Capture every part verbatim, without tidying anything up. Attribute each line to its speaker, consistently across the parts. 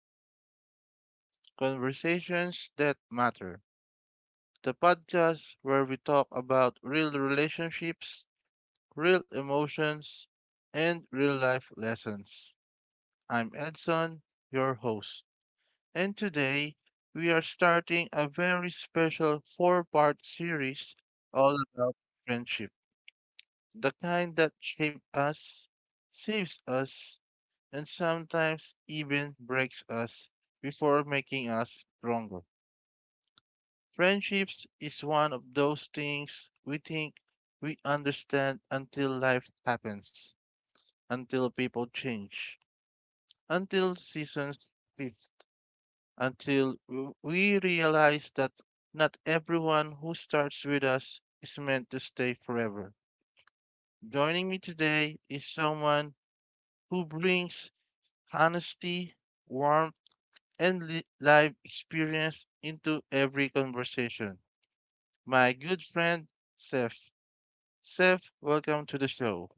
Speaker 1: for Life Conversations That Matter, the podcast where we talk about real relationships, real emotions, and real life lessons. I'm Edson, your host, and today we are starting a very special four part series all about friendship, the kind that shapes us, saves us, and sometimes even breaks us before making us stronger. Friendships is one of those things we think we understand until life happens, until people change, until seasons shift, until we realize that not everyone who starts with us is meant to stay forever. Joining me today is someone who brings honesty, warmth, and li- life experience into every conversation. My good friend, Seth. Seth, welcome to the show.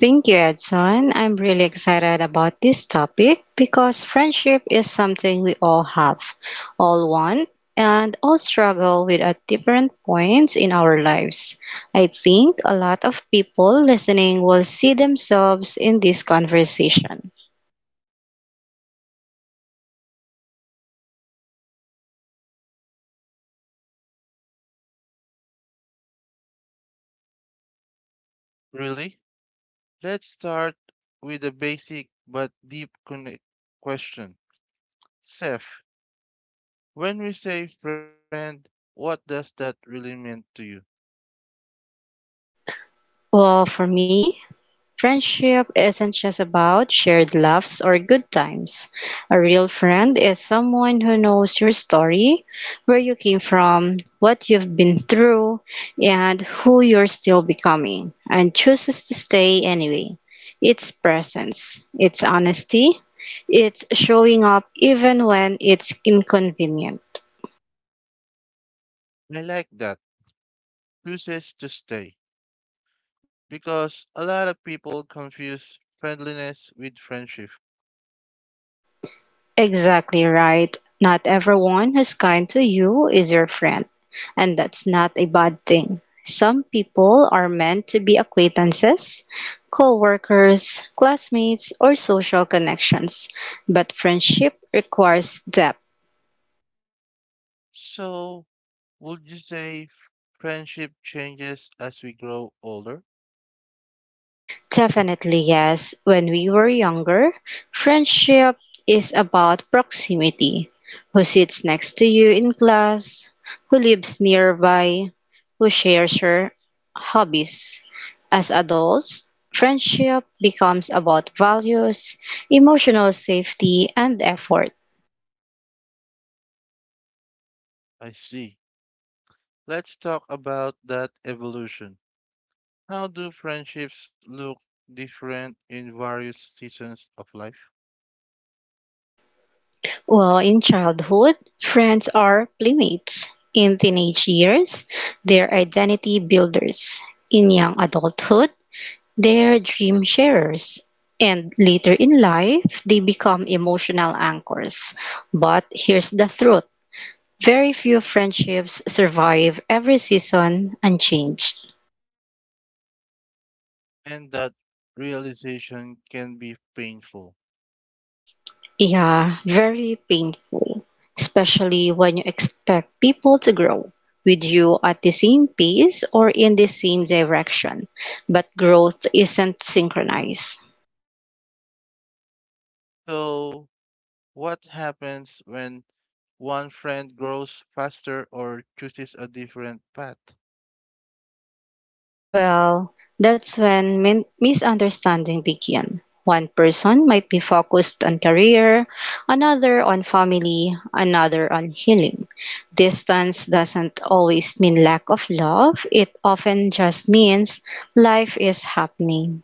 Speaker 2: Thank you, Edson. I'm really excited about this topic because friendship is something we all have, all want, and all struggle with at different points in our lives. I think a lot of people listening will see themselves in this conversation.
Speaker 1: Really? Let's start with a basic but deep connect question. Seth, when we say friend, what does that really mean to you?
Speaker 2: Well, for me, friendship isn't just about shared laughs or good times. A real friend is someone who knows your story, where you came from, what you've been through, and who you're still becoming, and chooses to stay anyway. It's presence, it's honesty, it's showing up even when it's inconvenient.
Speaker 1: I like that. Chooses to stay. Because a lot of people confuse friendliness with friendship.
Speaker 2: Exactly right. Not everyone who's kind to you is your friend, and that's not a bad thing. Some people are meant to be acquaintances, coworkers, classmates, or social connections, but friendship requires depth.
Speaker 1: So, would you say friendship changes as we grow older?
Speaker 2: Definitely yes. When we were younger, friendship is about proximity. Who sits next to you in class, who lives nearby, who shares your hobbies. As adults, friendship becomes about values, emotional safety, and effort.
Speaker 1: I see. Let's talk about that evolution. How do friendships look different in various seasons of life?
Speaker 2: Well, in childhood, friends are playmates. In teenage years, they're identity builders. In young adulthood, they are dream sharers, and later in life they become emotional anchors. But here's the truth: very few friendships survive every season unchanged.
Speaker 1: And that realization can be painful.
Speaker 2: Yeah, very painful, especially when you expect people to grow with you at the same pace or in the same direction. But growth isn't synchronized.
Speaker 1: So, what happens when one friend grows faster or chooses a different path?
Speaker 2: Well, that's when min- misunderstanding begin. One person might be focused on career, another on family, another on healing. Distance doesn't always mean lack of love, it often just means life is happening.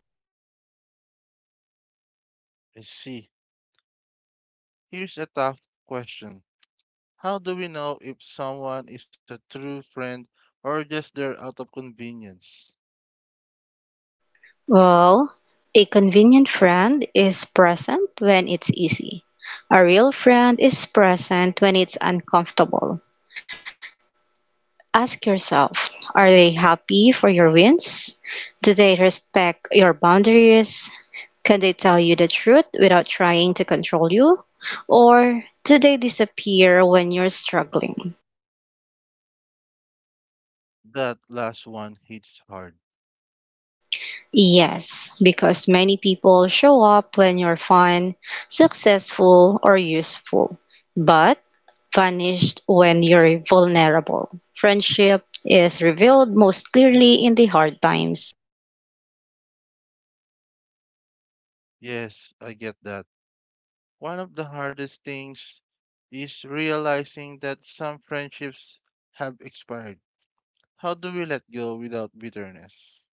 Speaker 1: I see. Here's a tough question. How do we know if someone is a true friend or just there out of convenience?
Speaker 2: Well, a convenient friend is present when it's easy. A real friend is present when it's uncomfortable. Ask yourself, are they happy for your wins? Do they respect your boundaries? Can they tell you the truth without trying to control you? Or do they disappear when you're struggling?
Speaker 1: That last one hits hard.
Speaker 2: Yes, because many people show up when you're fun, successful, or useful, but vanished when you're vulnerable. Friendship is revealed most clearly in the hard times.
Speaker 1: Yes, I get that. One of the hardest things is realizing that some friendships have expired. How do we let go without bitterness?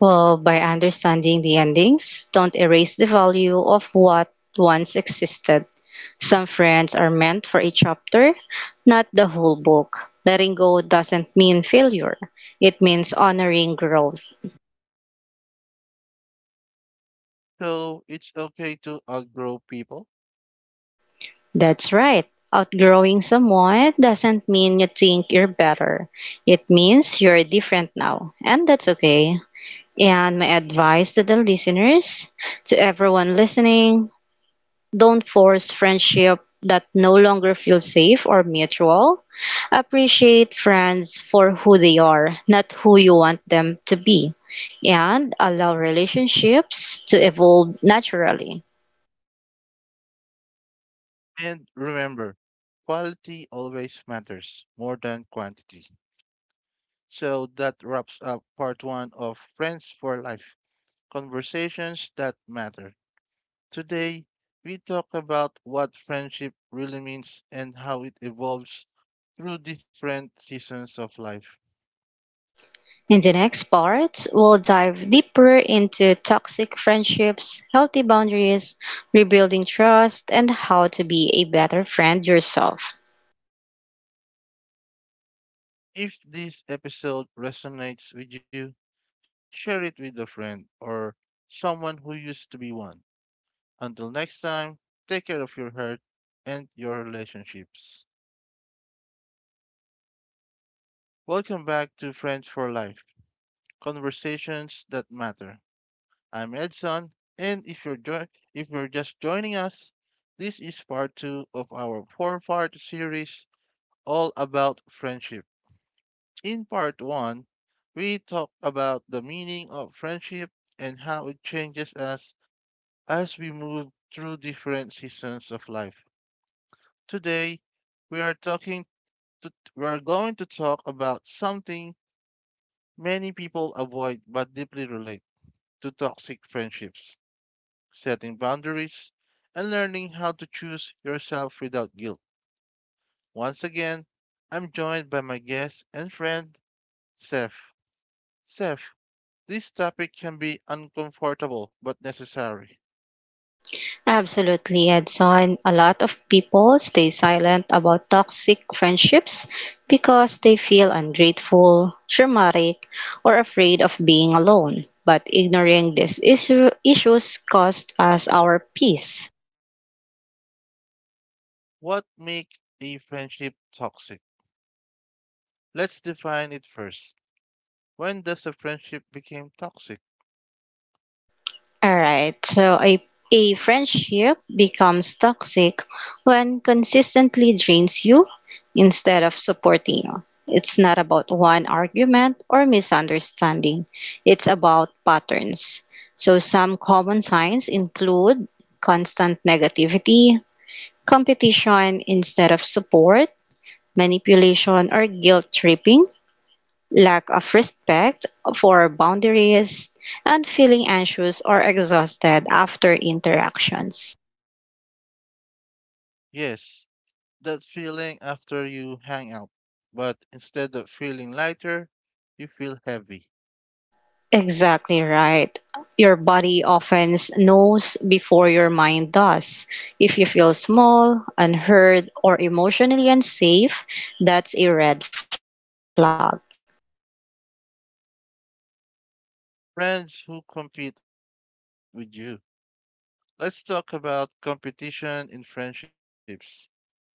Speaker 2: Well, by understanding the endings, don't erase the value of what once existed. Some friends are meant for a chapter, not the whole book. Letting go doesn't mean failure, it means honoring growth.
Speaker 1: So it's okay to outgrow people.
Speaker 2: That's right. Outgrowing someone doesn't mean you think you're better. It means you're different now, and that's okay. And my advice to the listeners, to everyone listening, don't force friendship that no longer feel safe or mutual. Appreciate friends for who they are, not who you want them to be. And allow relationships to evolve naturally.
Speaker 1: And remember, quality always matters more than quantity. So that wraps up part one of Friends for Life Conversations that Matter. Today, we talk about what friendship really means and how it evolves through different seasons of life.
Speaker 2: In the next part, we'll dive deeper into toxic friendships, healthy boundaries, rebuilding trust, and how to be a better friend yourself.
Speaker 1: If this episode resonates with you, share it with a friend or someone who used to be one. Until next time, take care of your heart and your relationships. Welcome back to Friends for Life Conversations that Matter. I'm Edson, and if you're jo- if you're just joining us, this is part two of our four-part series all about friendship. In part one, we talked about the meaning of friendship and how it changes us as we move through different seasons of life. Today, we are talking to, we are going to talk about something many people avoid but deeply relate to toxic friendships, setting boundaries, and learning how to choose yourself without guilt. Once again, I'm joined by my guest and friend, Seth. Seth, this topic can be uncomfortable but necessary.
Speaker 2: Absolutely, Edson. A lot of people stay silent about toxic friendships because they feel ungrateful, traumatic, or afraid of being alone. But ignoring these issue- issues costs us our peace.
Speaker 1: What makes a friendship toxic? Let's define it first. When does a friendship become toxic?
Speaker 2: All right. So a a friendship becomes toxic when consistently drains you instead of supporting you. It's not about one argument or misunderstanding. It's about patterns. So some common signs include constant negativity, competition instead of support, manipulation or guilt tripping, lack of respect for boundaries, and feeling anxious or exhausted after interactions.
Speaker 1: Yes, that feeling after you hang out, but instead of feeling lighter, you feel heavy.
Speaker 2: Exactly right. Your body often knows before your mind does. If you feel small, unheard, or emotionally unsafe, that's a red flag.
Speaker 1: Friends who compete with you. Let's talk about competition in friendships. What does that mean?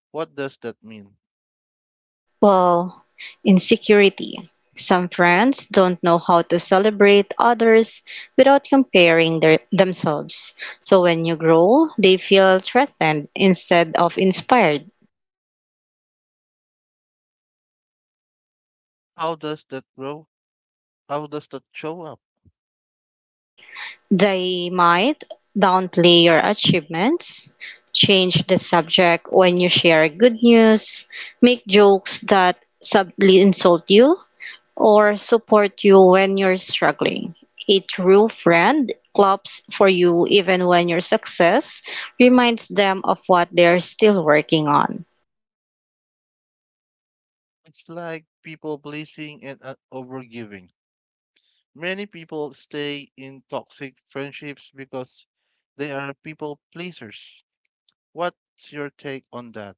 Speaker 2: Well, insecurity. Some friends don't know how to celebrate others without comparing their, themselves. So when you grow, they feel threatened instead of inspired.
Speaker 1: How does that grow? How does that show up?
Speaker 2: They might downplay your achievements, change the subject when you share good news, make jokes that subtly insult you, or support you when you're struggling. A true friend claps for you even when your success reminds them of what they're still working on.
Speaker 1: It's like people pleasing and uh, overgiving. Many people stay in toxic friendships because they are people pleasers. What's your take on that?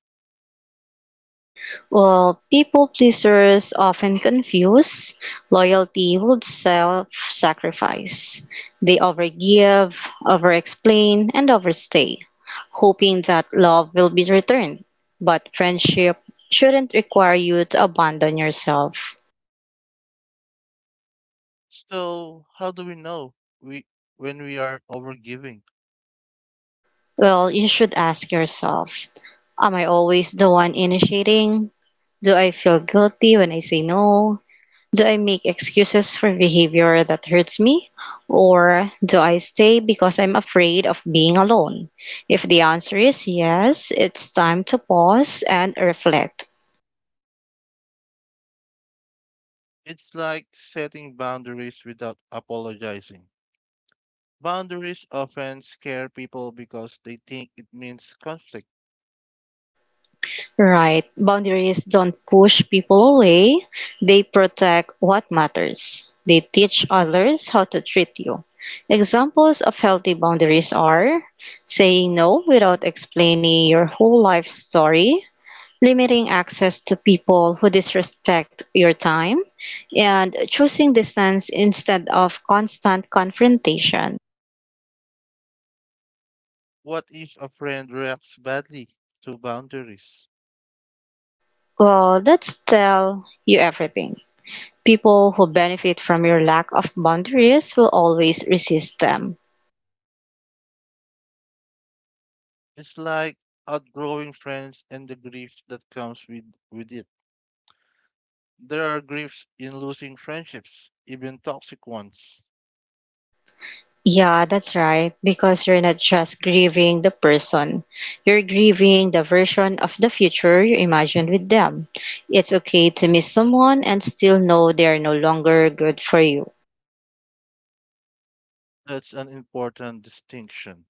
Speaker 2: Well, people pleasers often confuse loyalty with self sacrifice. They overgive, overexplain, and overstay, hoping that love will be returned. But friendship shouldn't require you to abandon yourself.
Speaker 1: So, how do we know we when we are overgiving?
Speaker 2: Well, you should ask yourself, am I always the one initiating? Do I feel guilty when I say no? Do I make excuses for behavior that hurts me? Or do I stay because I'm afraid of being alone? If the answer is yes, it's time to pause and reflect.
Speaker 1: It's like setting boundaries without apologizing. Boundaries often scare people because they think it means conflict.
Speaker 2: Right. Boundaries don't push people away, they protect what matters. They teach others how to treat you. Examples of healthy boundaries are saying no without explaining your whole life story, limiting access to people who disrespect your time, and choosing distance instead of constant confrontation.
Speaker 1: What if a friend reacts badly to boundaries?
Speaker 2: Well, that's tell you everything. People who benefit from your lack of boundaries will always resist them.
Speaker 1: It's like outgrowing friends and the grief that comes with, with it. There are griefs in losing friendships, even toxic ones.
Speaker 2: Yeah, that's right. Because you're not just grieving the person, you're grieving the version of the future you imagined with them. It's okay to miss someone and still know they are no longer good for you.
Speaker 1: That's an important distinction.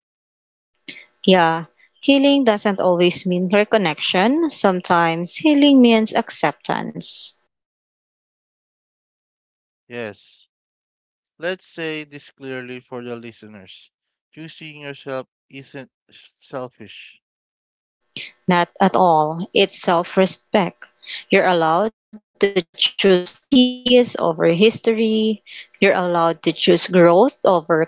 Speaker 2: Yeah, healing doesn't always mean reconnection, sometimes healing means acceptance.
Speaker 1: Yes, let's say this clearly for the listeners. Choosing yourself isn't selfish.
Speaker 2: Not at all, it's self-respect. You're allowed to choose peace over history, you're allowed to choose growth over comfort,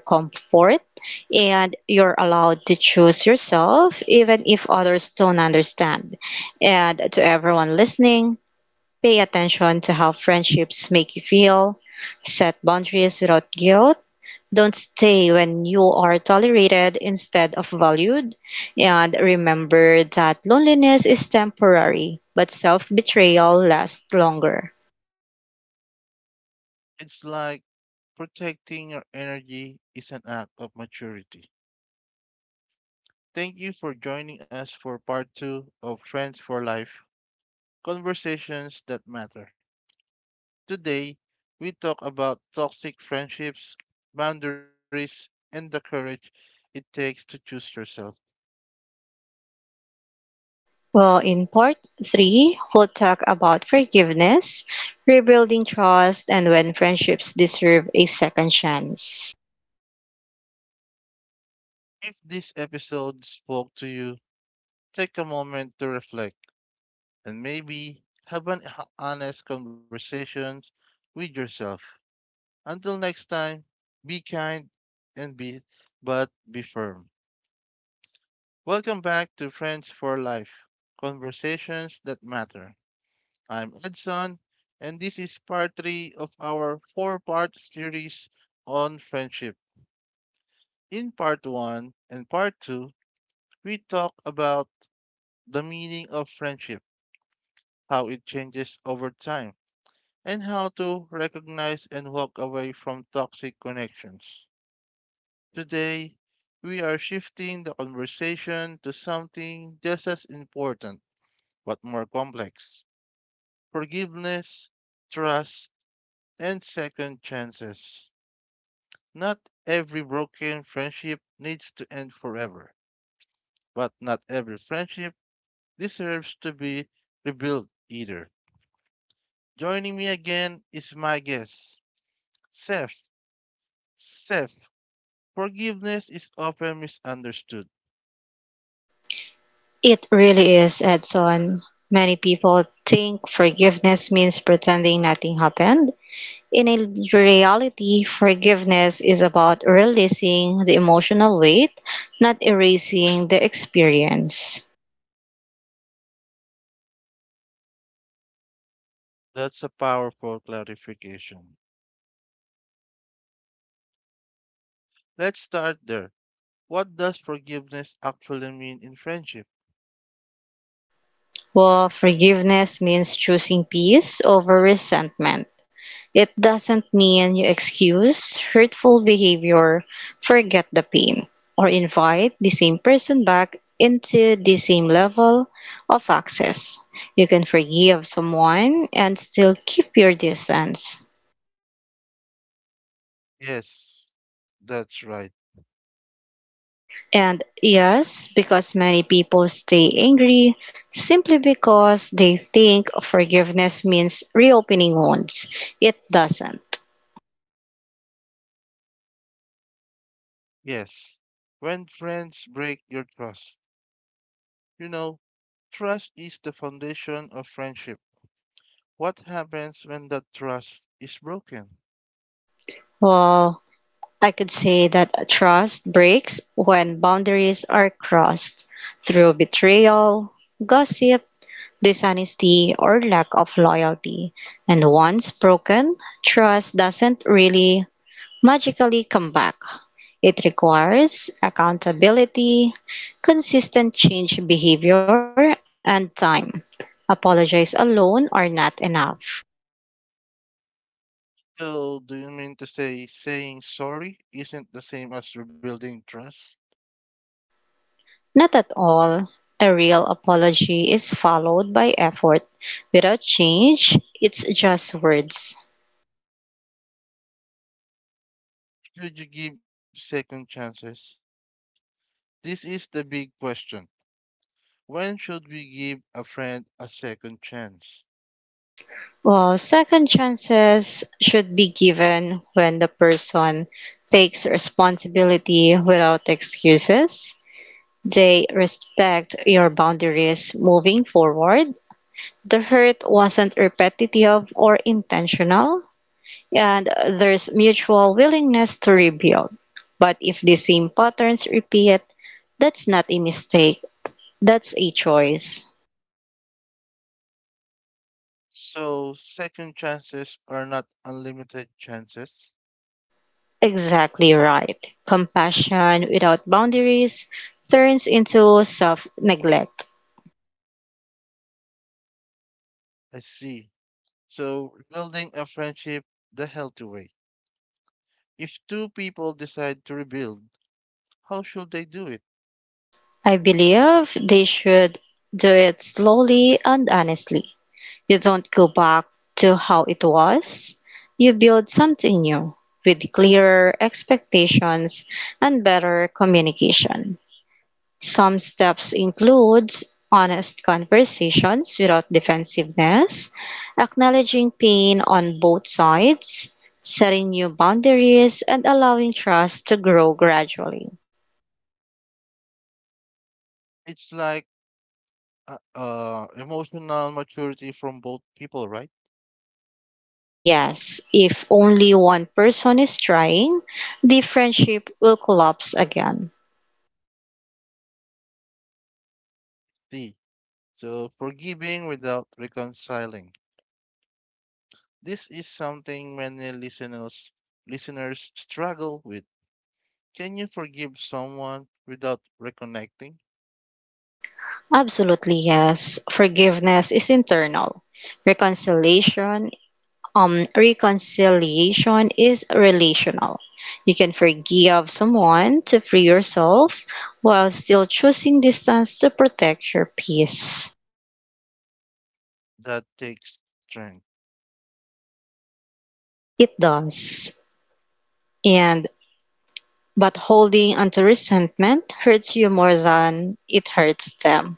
Speaker 2: and you're allowed to choose yourself even if others don't understand. And to everyone listening, pay attention to how friendships make you feel, set boundaries without guilt, don't stay when you are tolerated instead of valued. And remember that loneliness is temporary, but self betrayal lasts longer.
Speaker 1: It's like protecting your energy is an act of maturity. Thank you for joining us for part two of Trends for Life Conversations That Matter. Today, we talk about toxic friendships, boundaries, and the courage it takes to choose yourself.
Speaker 2: Well, in part three, we'll talk about forgiveness, rebuilding trust, and when friendships deserve a second chance.
Speaker 1: If this episode spoke to you, take a moment to reflect and maybe have an h- honest conversation with yourself. Until next time, be kind and be but be firm. Welcome back to Friends for Life, conversations that matter. I'm Edson, and this is part three of our four-part series on friendship. In part one and part two, we talk about the meaning of friendship, how it changes over time, and how to recognize and walk away from toxic connections. Today, we are shifting the conversation to something just as important but more complex: forgiveness, trust, and second chances. Not every broken friendship needs to end forever, but not every friendship deserves to be rebuilt either. Joining me again is my guest, Seth. Seth, forgiveness is often misunderstood.
Speaker 2: It really is, Edson. Many people think forgiveness means pretending nothing happened. In a reality, forgiveness is about releasing the emotional weight, not erasing the experience.
Speaker 1: That's a powerful clarification. Let's start there. What does forgiveness actually mean in friendship?
Speaker 2: Well, forgiveness means choosing peace over resentment. It doesn't mean you excuse hurtful behavior, forget the pain, or invite the same person back into the same level of access. You can forgive someone and still keep your distance.
Speaker 1: Yes, that's right.
Speaker 2: And yes, because many people stay angry simply because they think forgiveness means reopening wounds. It doesn't.
Speaker 1: Yes. When friends break your trust. You know, trust is the foundation of friendship. What happens when that trust is broken?
Speaker 2: Well, I could say that trust breaks when boundaries are crossed through betrayal, gossip, dishonesty, or lack of loyalty. And once broken, trust doesn't really magically come back. It requires accountability, consistent change behavior, and time. Apologies alone are not enough.
Speaker 1: So, do you mean to say saying sorry isn't the same as rebuilding trust?
Speaker 2: Not at all. A real apology is followed by effort. Without change, it's just words.
Speaker 1: Should you give second chances? This is the big question. When should we give a friend a second chance?
Speaker 2: Well, second chances should be given when the person takes responsibility without excuses. They respect your boundaries moving forward. The hurt wasn't repetitive or intentional, and there's mutual willingness to rebuild. But if the same patterns repeat, that's not a mistake, that's a choice.
Speaker 1: So second chances are not unlimited chances.
Speaker 2: Exactly right. Compassion without boundaries turns into self neglect.
Speaker 1: I see. So rebuilding a friendship the healthy way. If two people decide to rebuild, how should they do it?
Speaker 2: I believe they should do it slowly and honestly. You don't go back to how it was. You build something new with clearer expectations and better communication. Some steps include honest conversations without defensiveness, acknowledging pain on both sides, setting new boundaries, and allowing trust to grow gradually.
Speaker 1: It's like uh, uh, emotional maturity from both people, right?
Speaker 2: Yes, if only one person is trying, the friendship will collapse again.
Speaker 1: See. So forgiving without reconciling. This is something many listeners listeners struggle with. Can you forgive someone without reconnecting?
Speaker 2: Absolutely, yes. Forgiveness is internal. Reconciliation, um, Reconciliation is relational. You can forgive someone to free yourself while still choosing distance to protect your peace.
Speaker 1: That takes strength.
Speaker 2: It does. And but holding onto resentment hurts you more than it hurts them.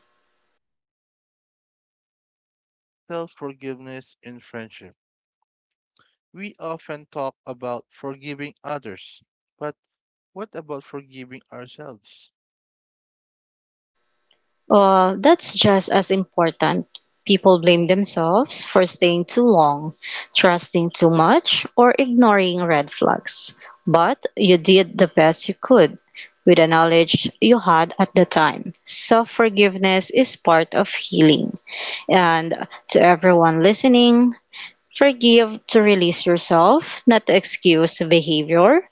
Speaker 1: Self forgiveness in friendship. We often talk about forgiving others, but what about forgiving ourselves?
Speaker 2: Uh, that's just as important. People blame themselves for staying too long, trusting too much, or ignoring red flags. But you did the best you could with the knowledge you had at the time. Self forgiveness is part of healing. And to everyone listening, forgive to release yourself, not to excuse behavior.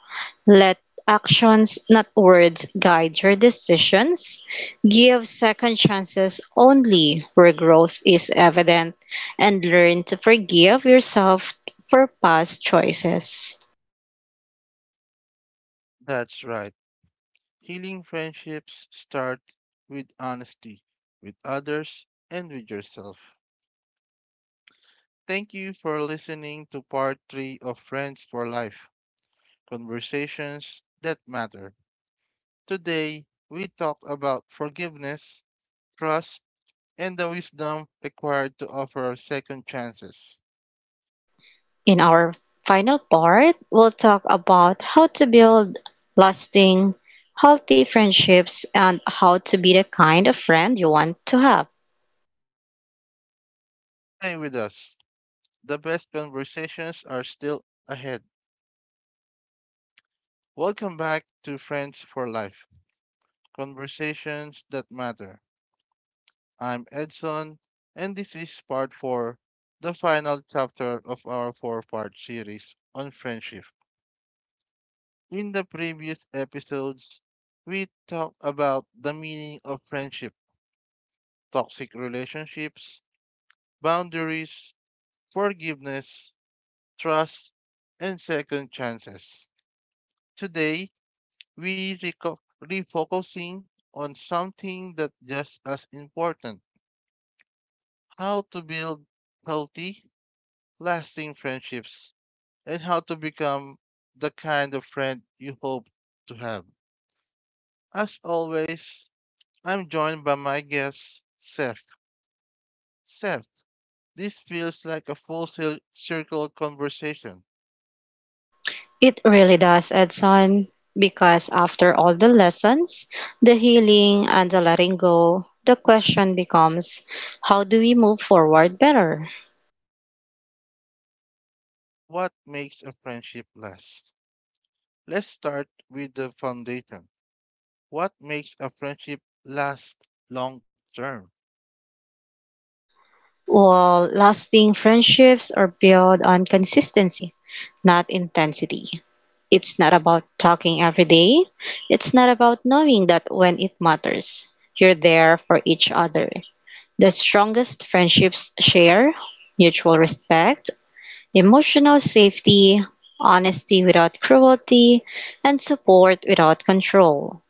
Speaker 2: Let actions, not words, guide your decisions. Give second chances only where growth is evident, and learn to forgive yourself for past choices.
Speaker 1: That's right. Healing friendships start with honesty with others and with yourself. Thank you for listening to part three of Friends for Life Conversations that Matter. Today, we talked about forgiveness, trust, and the wisdom required to offer second chances.
Speaker 2: In our final part, we'll talk about how to build lasting, healthy friendships and how to be the kind of friend you want to have.
Speaker 1: Stay with us. The best conversations are still ahead. Welcome back to Friends for Life Conversations that Matter. I'm Edson, and this is part four, the final chapter of our four part series on friendship. In the previous episodes, we talked about the meaning of friendship, toxic relationships, boundaries, forgiveness, trust, and second chances. Today, we reco- refocusing on something that just as important: how to build healthy lasting friendships and how to become the kind of friend you hope to have. As always, I'm joined by my guest Seth. Seth, this feels like a full cir- circle conversation.
Speaker 2: It really does, Edson, because after all the lessons, the healing, and the letting go, the question becomes, how do we move forward better?
Speaker 1: What makes a friendship last? Let's start with the foundation. What makes a friendship last long term?
Speaker 2: Well, lasting friendships are built on consistency, not intensity. It's not about talking every day, it's not about knowing that when it matters, you're there for each other. The strongest friendships share mutual respect, emotional safety, honesty without cruelty, and support without control.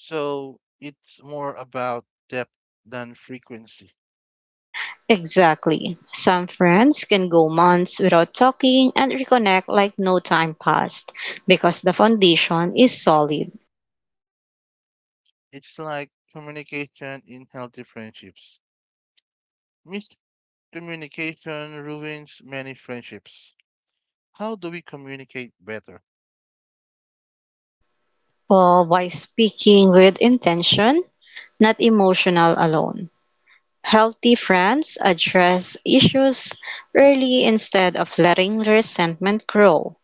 Speaker 1: So it's more about depth than frequency.
Speaker 2: Exactly. Some friends can go months without talking and reconnect like no time passed because the foundation is solid.
Speaker 1: It's like communication in healthy friendships. Miscommunication ruins many friendships. How do we communicate better?
Speaker 2: All by speaking with intention, not emotional alone. Healthy friends address issues early instead of letting resentment grow.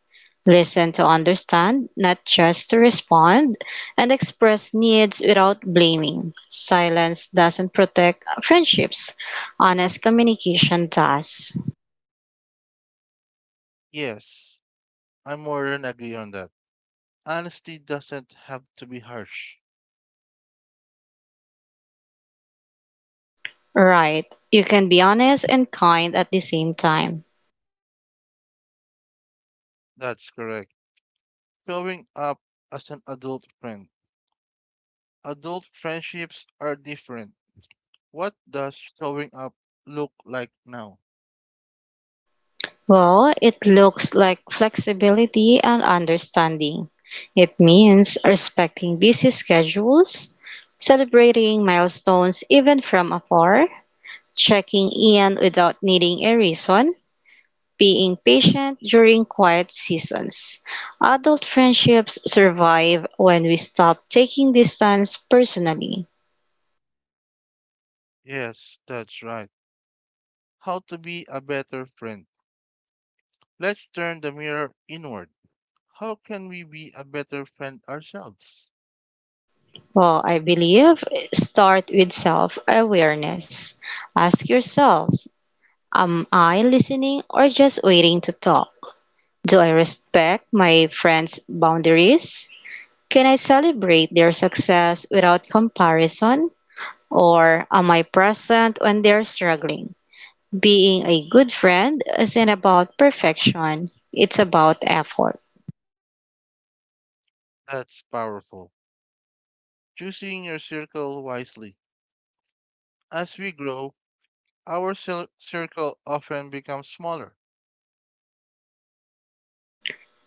Speaker 2: Listen to understand, not just to respond, and express needs without blaming. Silence doesn't protect friendships. Honest communication does.
Speaker 1: Yes, I more than agree on that. Honesty doesn't have to be harsh.
Speaker 2: Right. You can be honest and kind at the same time.
Speaker 1: That's correct. Showing up as an adult friend. Adult friendships are different. What does showing up look like now?
Speaker 2: Well, it looks like flexibility and understanding. It means respecting busy schedules, celebrating milestones even from afar, checking in without needing a reason, being patient during quiet seasons. Adult friendships survive when we stop taking distance personally.
Speaker 1: Yes, that's right. How to be a better friend. Let's turn the mirror inward. How can we be a better friend ourselves?
Speaker 2: Well, I believe start with self awareness. Ask yourself, am I listening or just waiting to talk? Do I respect my friends' boundaries? Can I celebrate their success without comparison? Or am I present when they're struggling? Being a good friend isn't about perfection, it's about effort.
Speaker 1: That's powerful. Choosing your circle wisely. As we grow, our cir- circle often becomes smaller.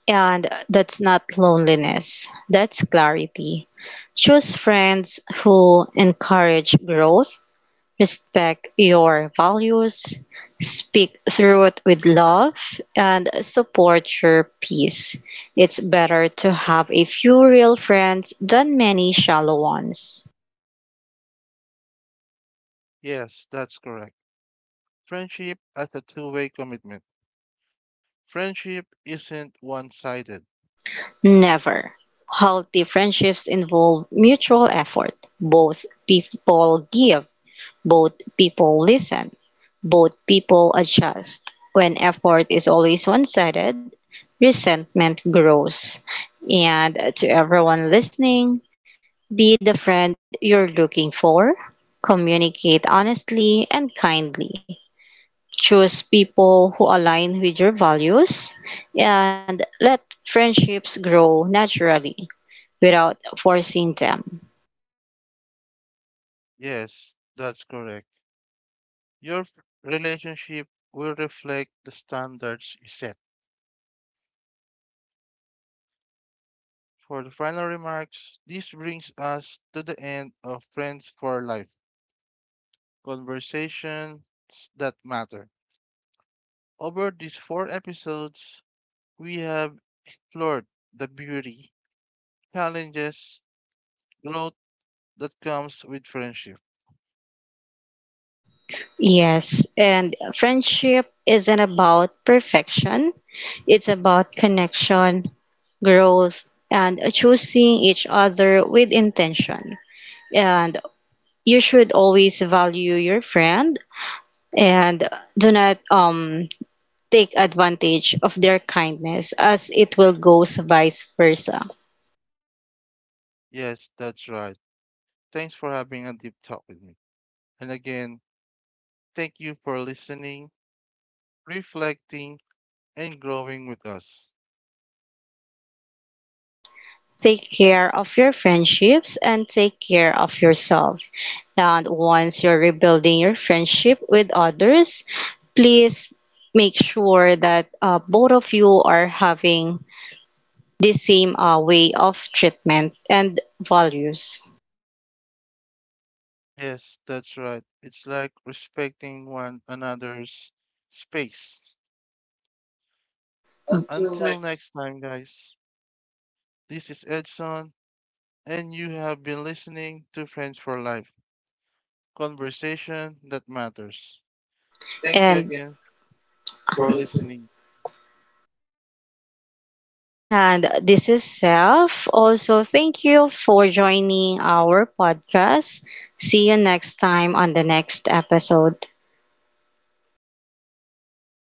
Speaker 2: And that's not loneliness, that's clarity. Choose friends who encourage growth, respect your values, speak through it with love, and support your peace. It's better to have a few real friends than many shallow ones.
Speaker 1: Yes, that's correct. Friendship as a two way commitment. Friendship isn't one sided.
Speaker 2: Never. Healthy friendships involve mutual effort. Both people give, both people listen, both people adjust. When effort is always one sided, resentment grows. And to everyone listening, be the friend you're looking for, communicate honestly and kindly. Choose people who align with your values and let friendships grow naturally without forcing them.
Speaker 1: Yes, that's correct. Your f- relationship will reflect the standards you set. For the final remarks, this brings us to the end of Friends for Life Conversations That Matter. Over these four episodes, we have explored the beauty, challenges, growth that comes with friendship.
Speaker 2: Yes, and friendship isn't about perfection, it's about connection, growth, and choosing each other with intention. And you should always value your friend and do not um, take advantage of their kindness as it will go vice versa.
Speaker 1: Yes, that's right. Thanks for having a deep talk with me. And again, thank you for listening, reflecting, and growing with us.
Speaker 2: Take care of your friendships and take care of yourself. And once you're rebuilding your friendship with others, please make sure that uh, both of you are having the same uh, way of treatment and values.
Speaker 1: Yes, that's right. It's like respecting one another's space. Until next time, guys, this is Edson, and you have been listening to Friends for Life conversation that matters. Thank you
Speaker 2: And
Speaker 1: again for listening.
Speaker 2: and this is Self. Also, thank you for joining our podcast. See you next time on the next episode. Bye.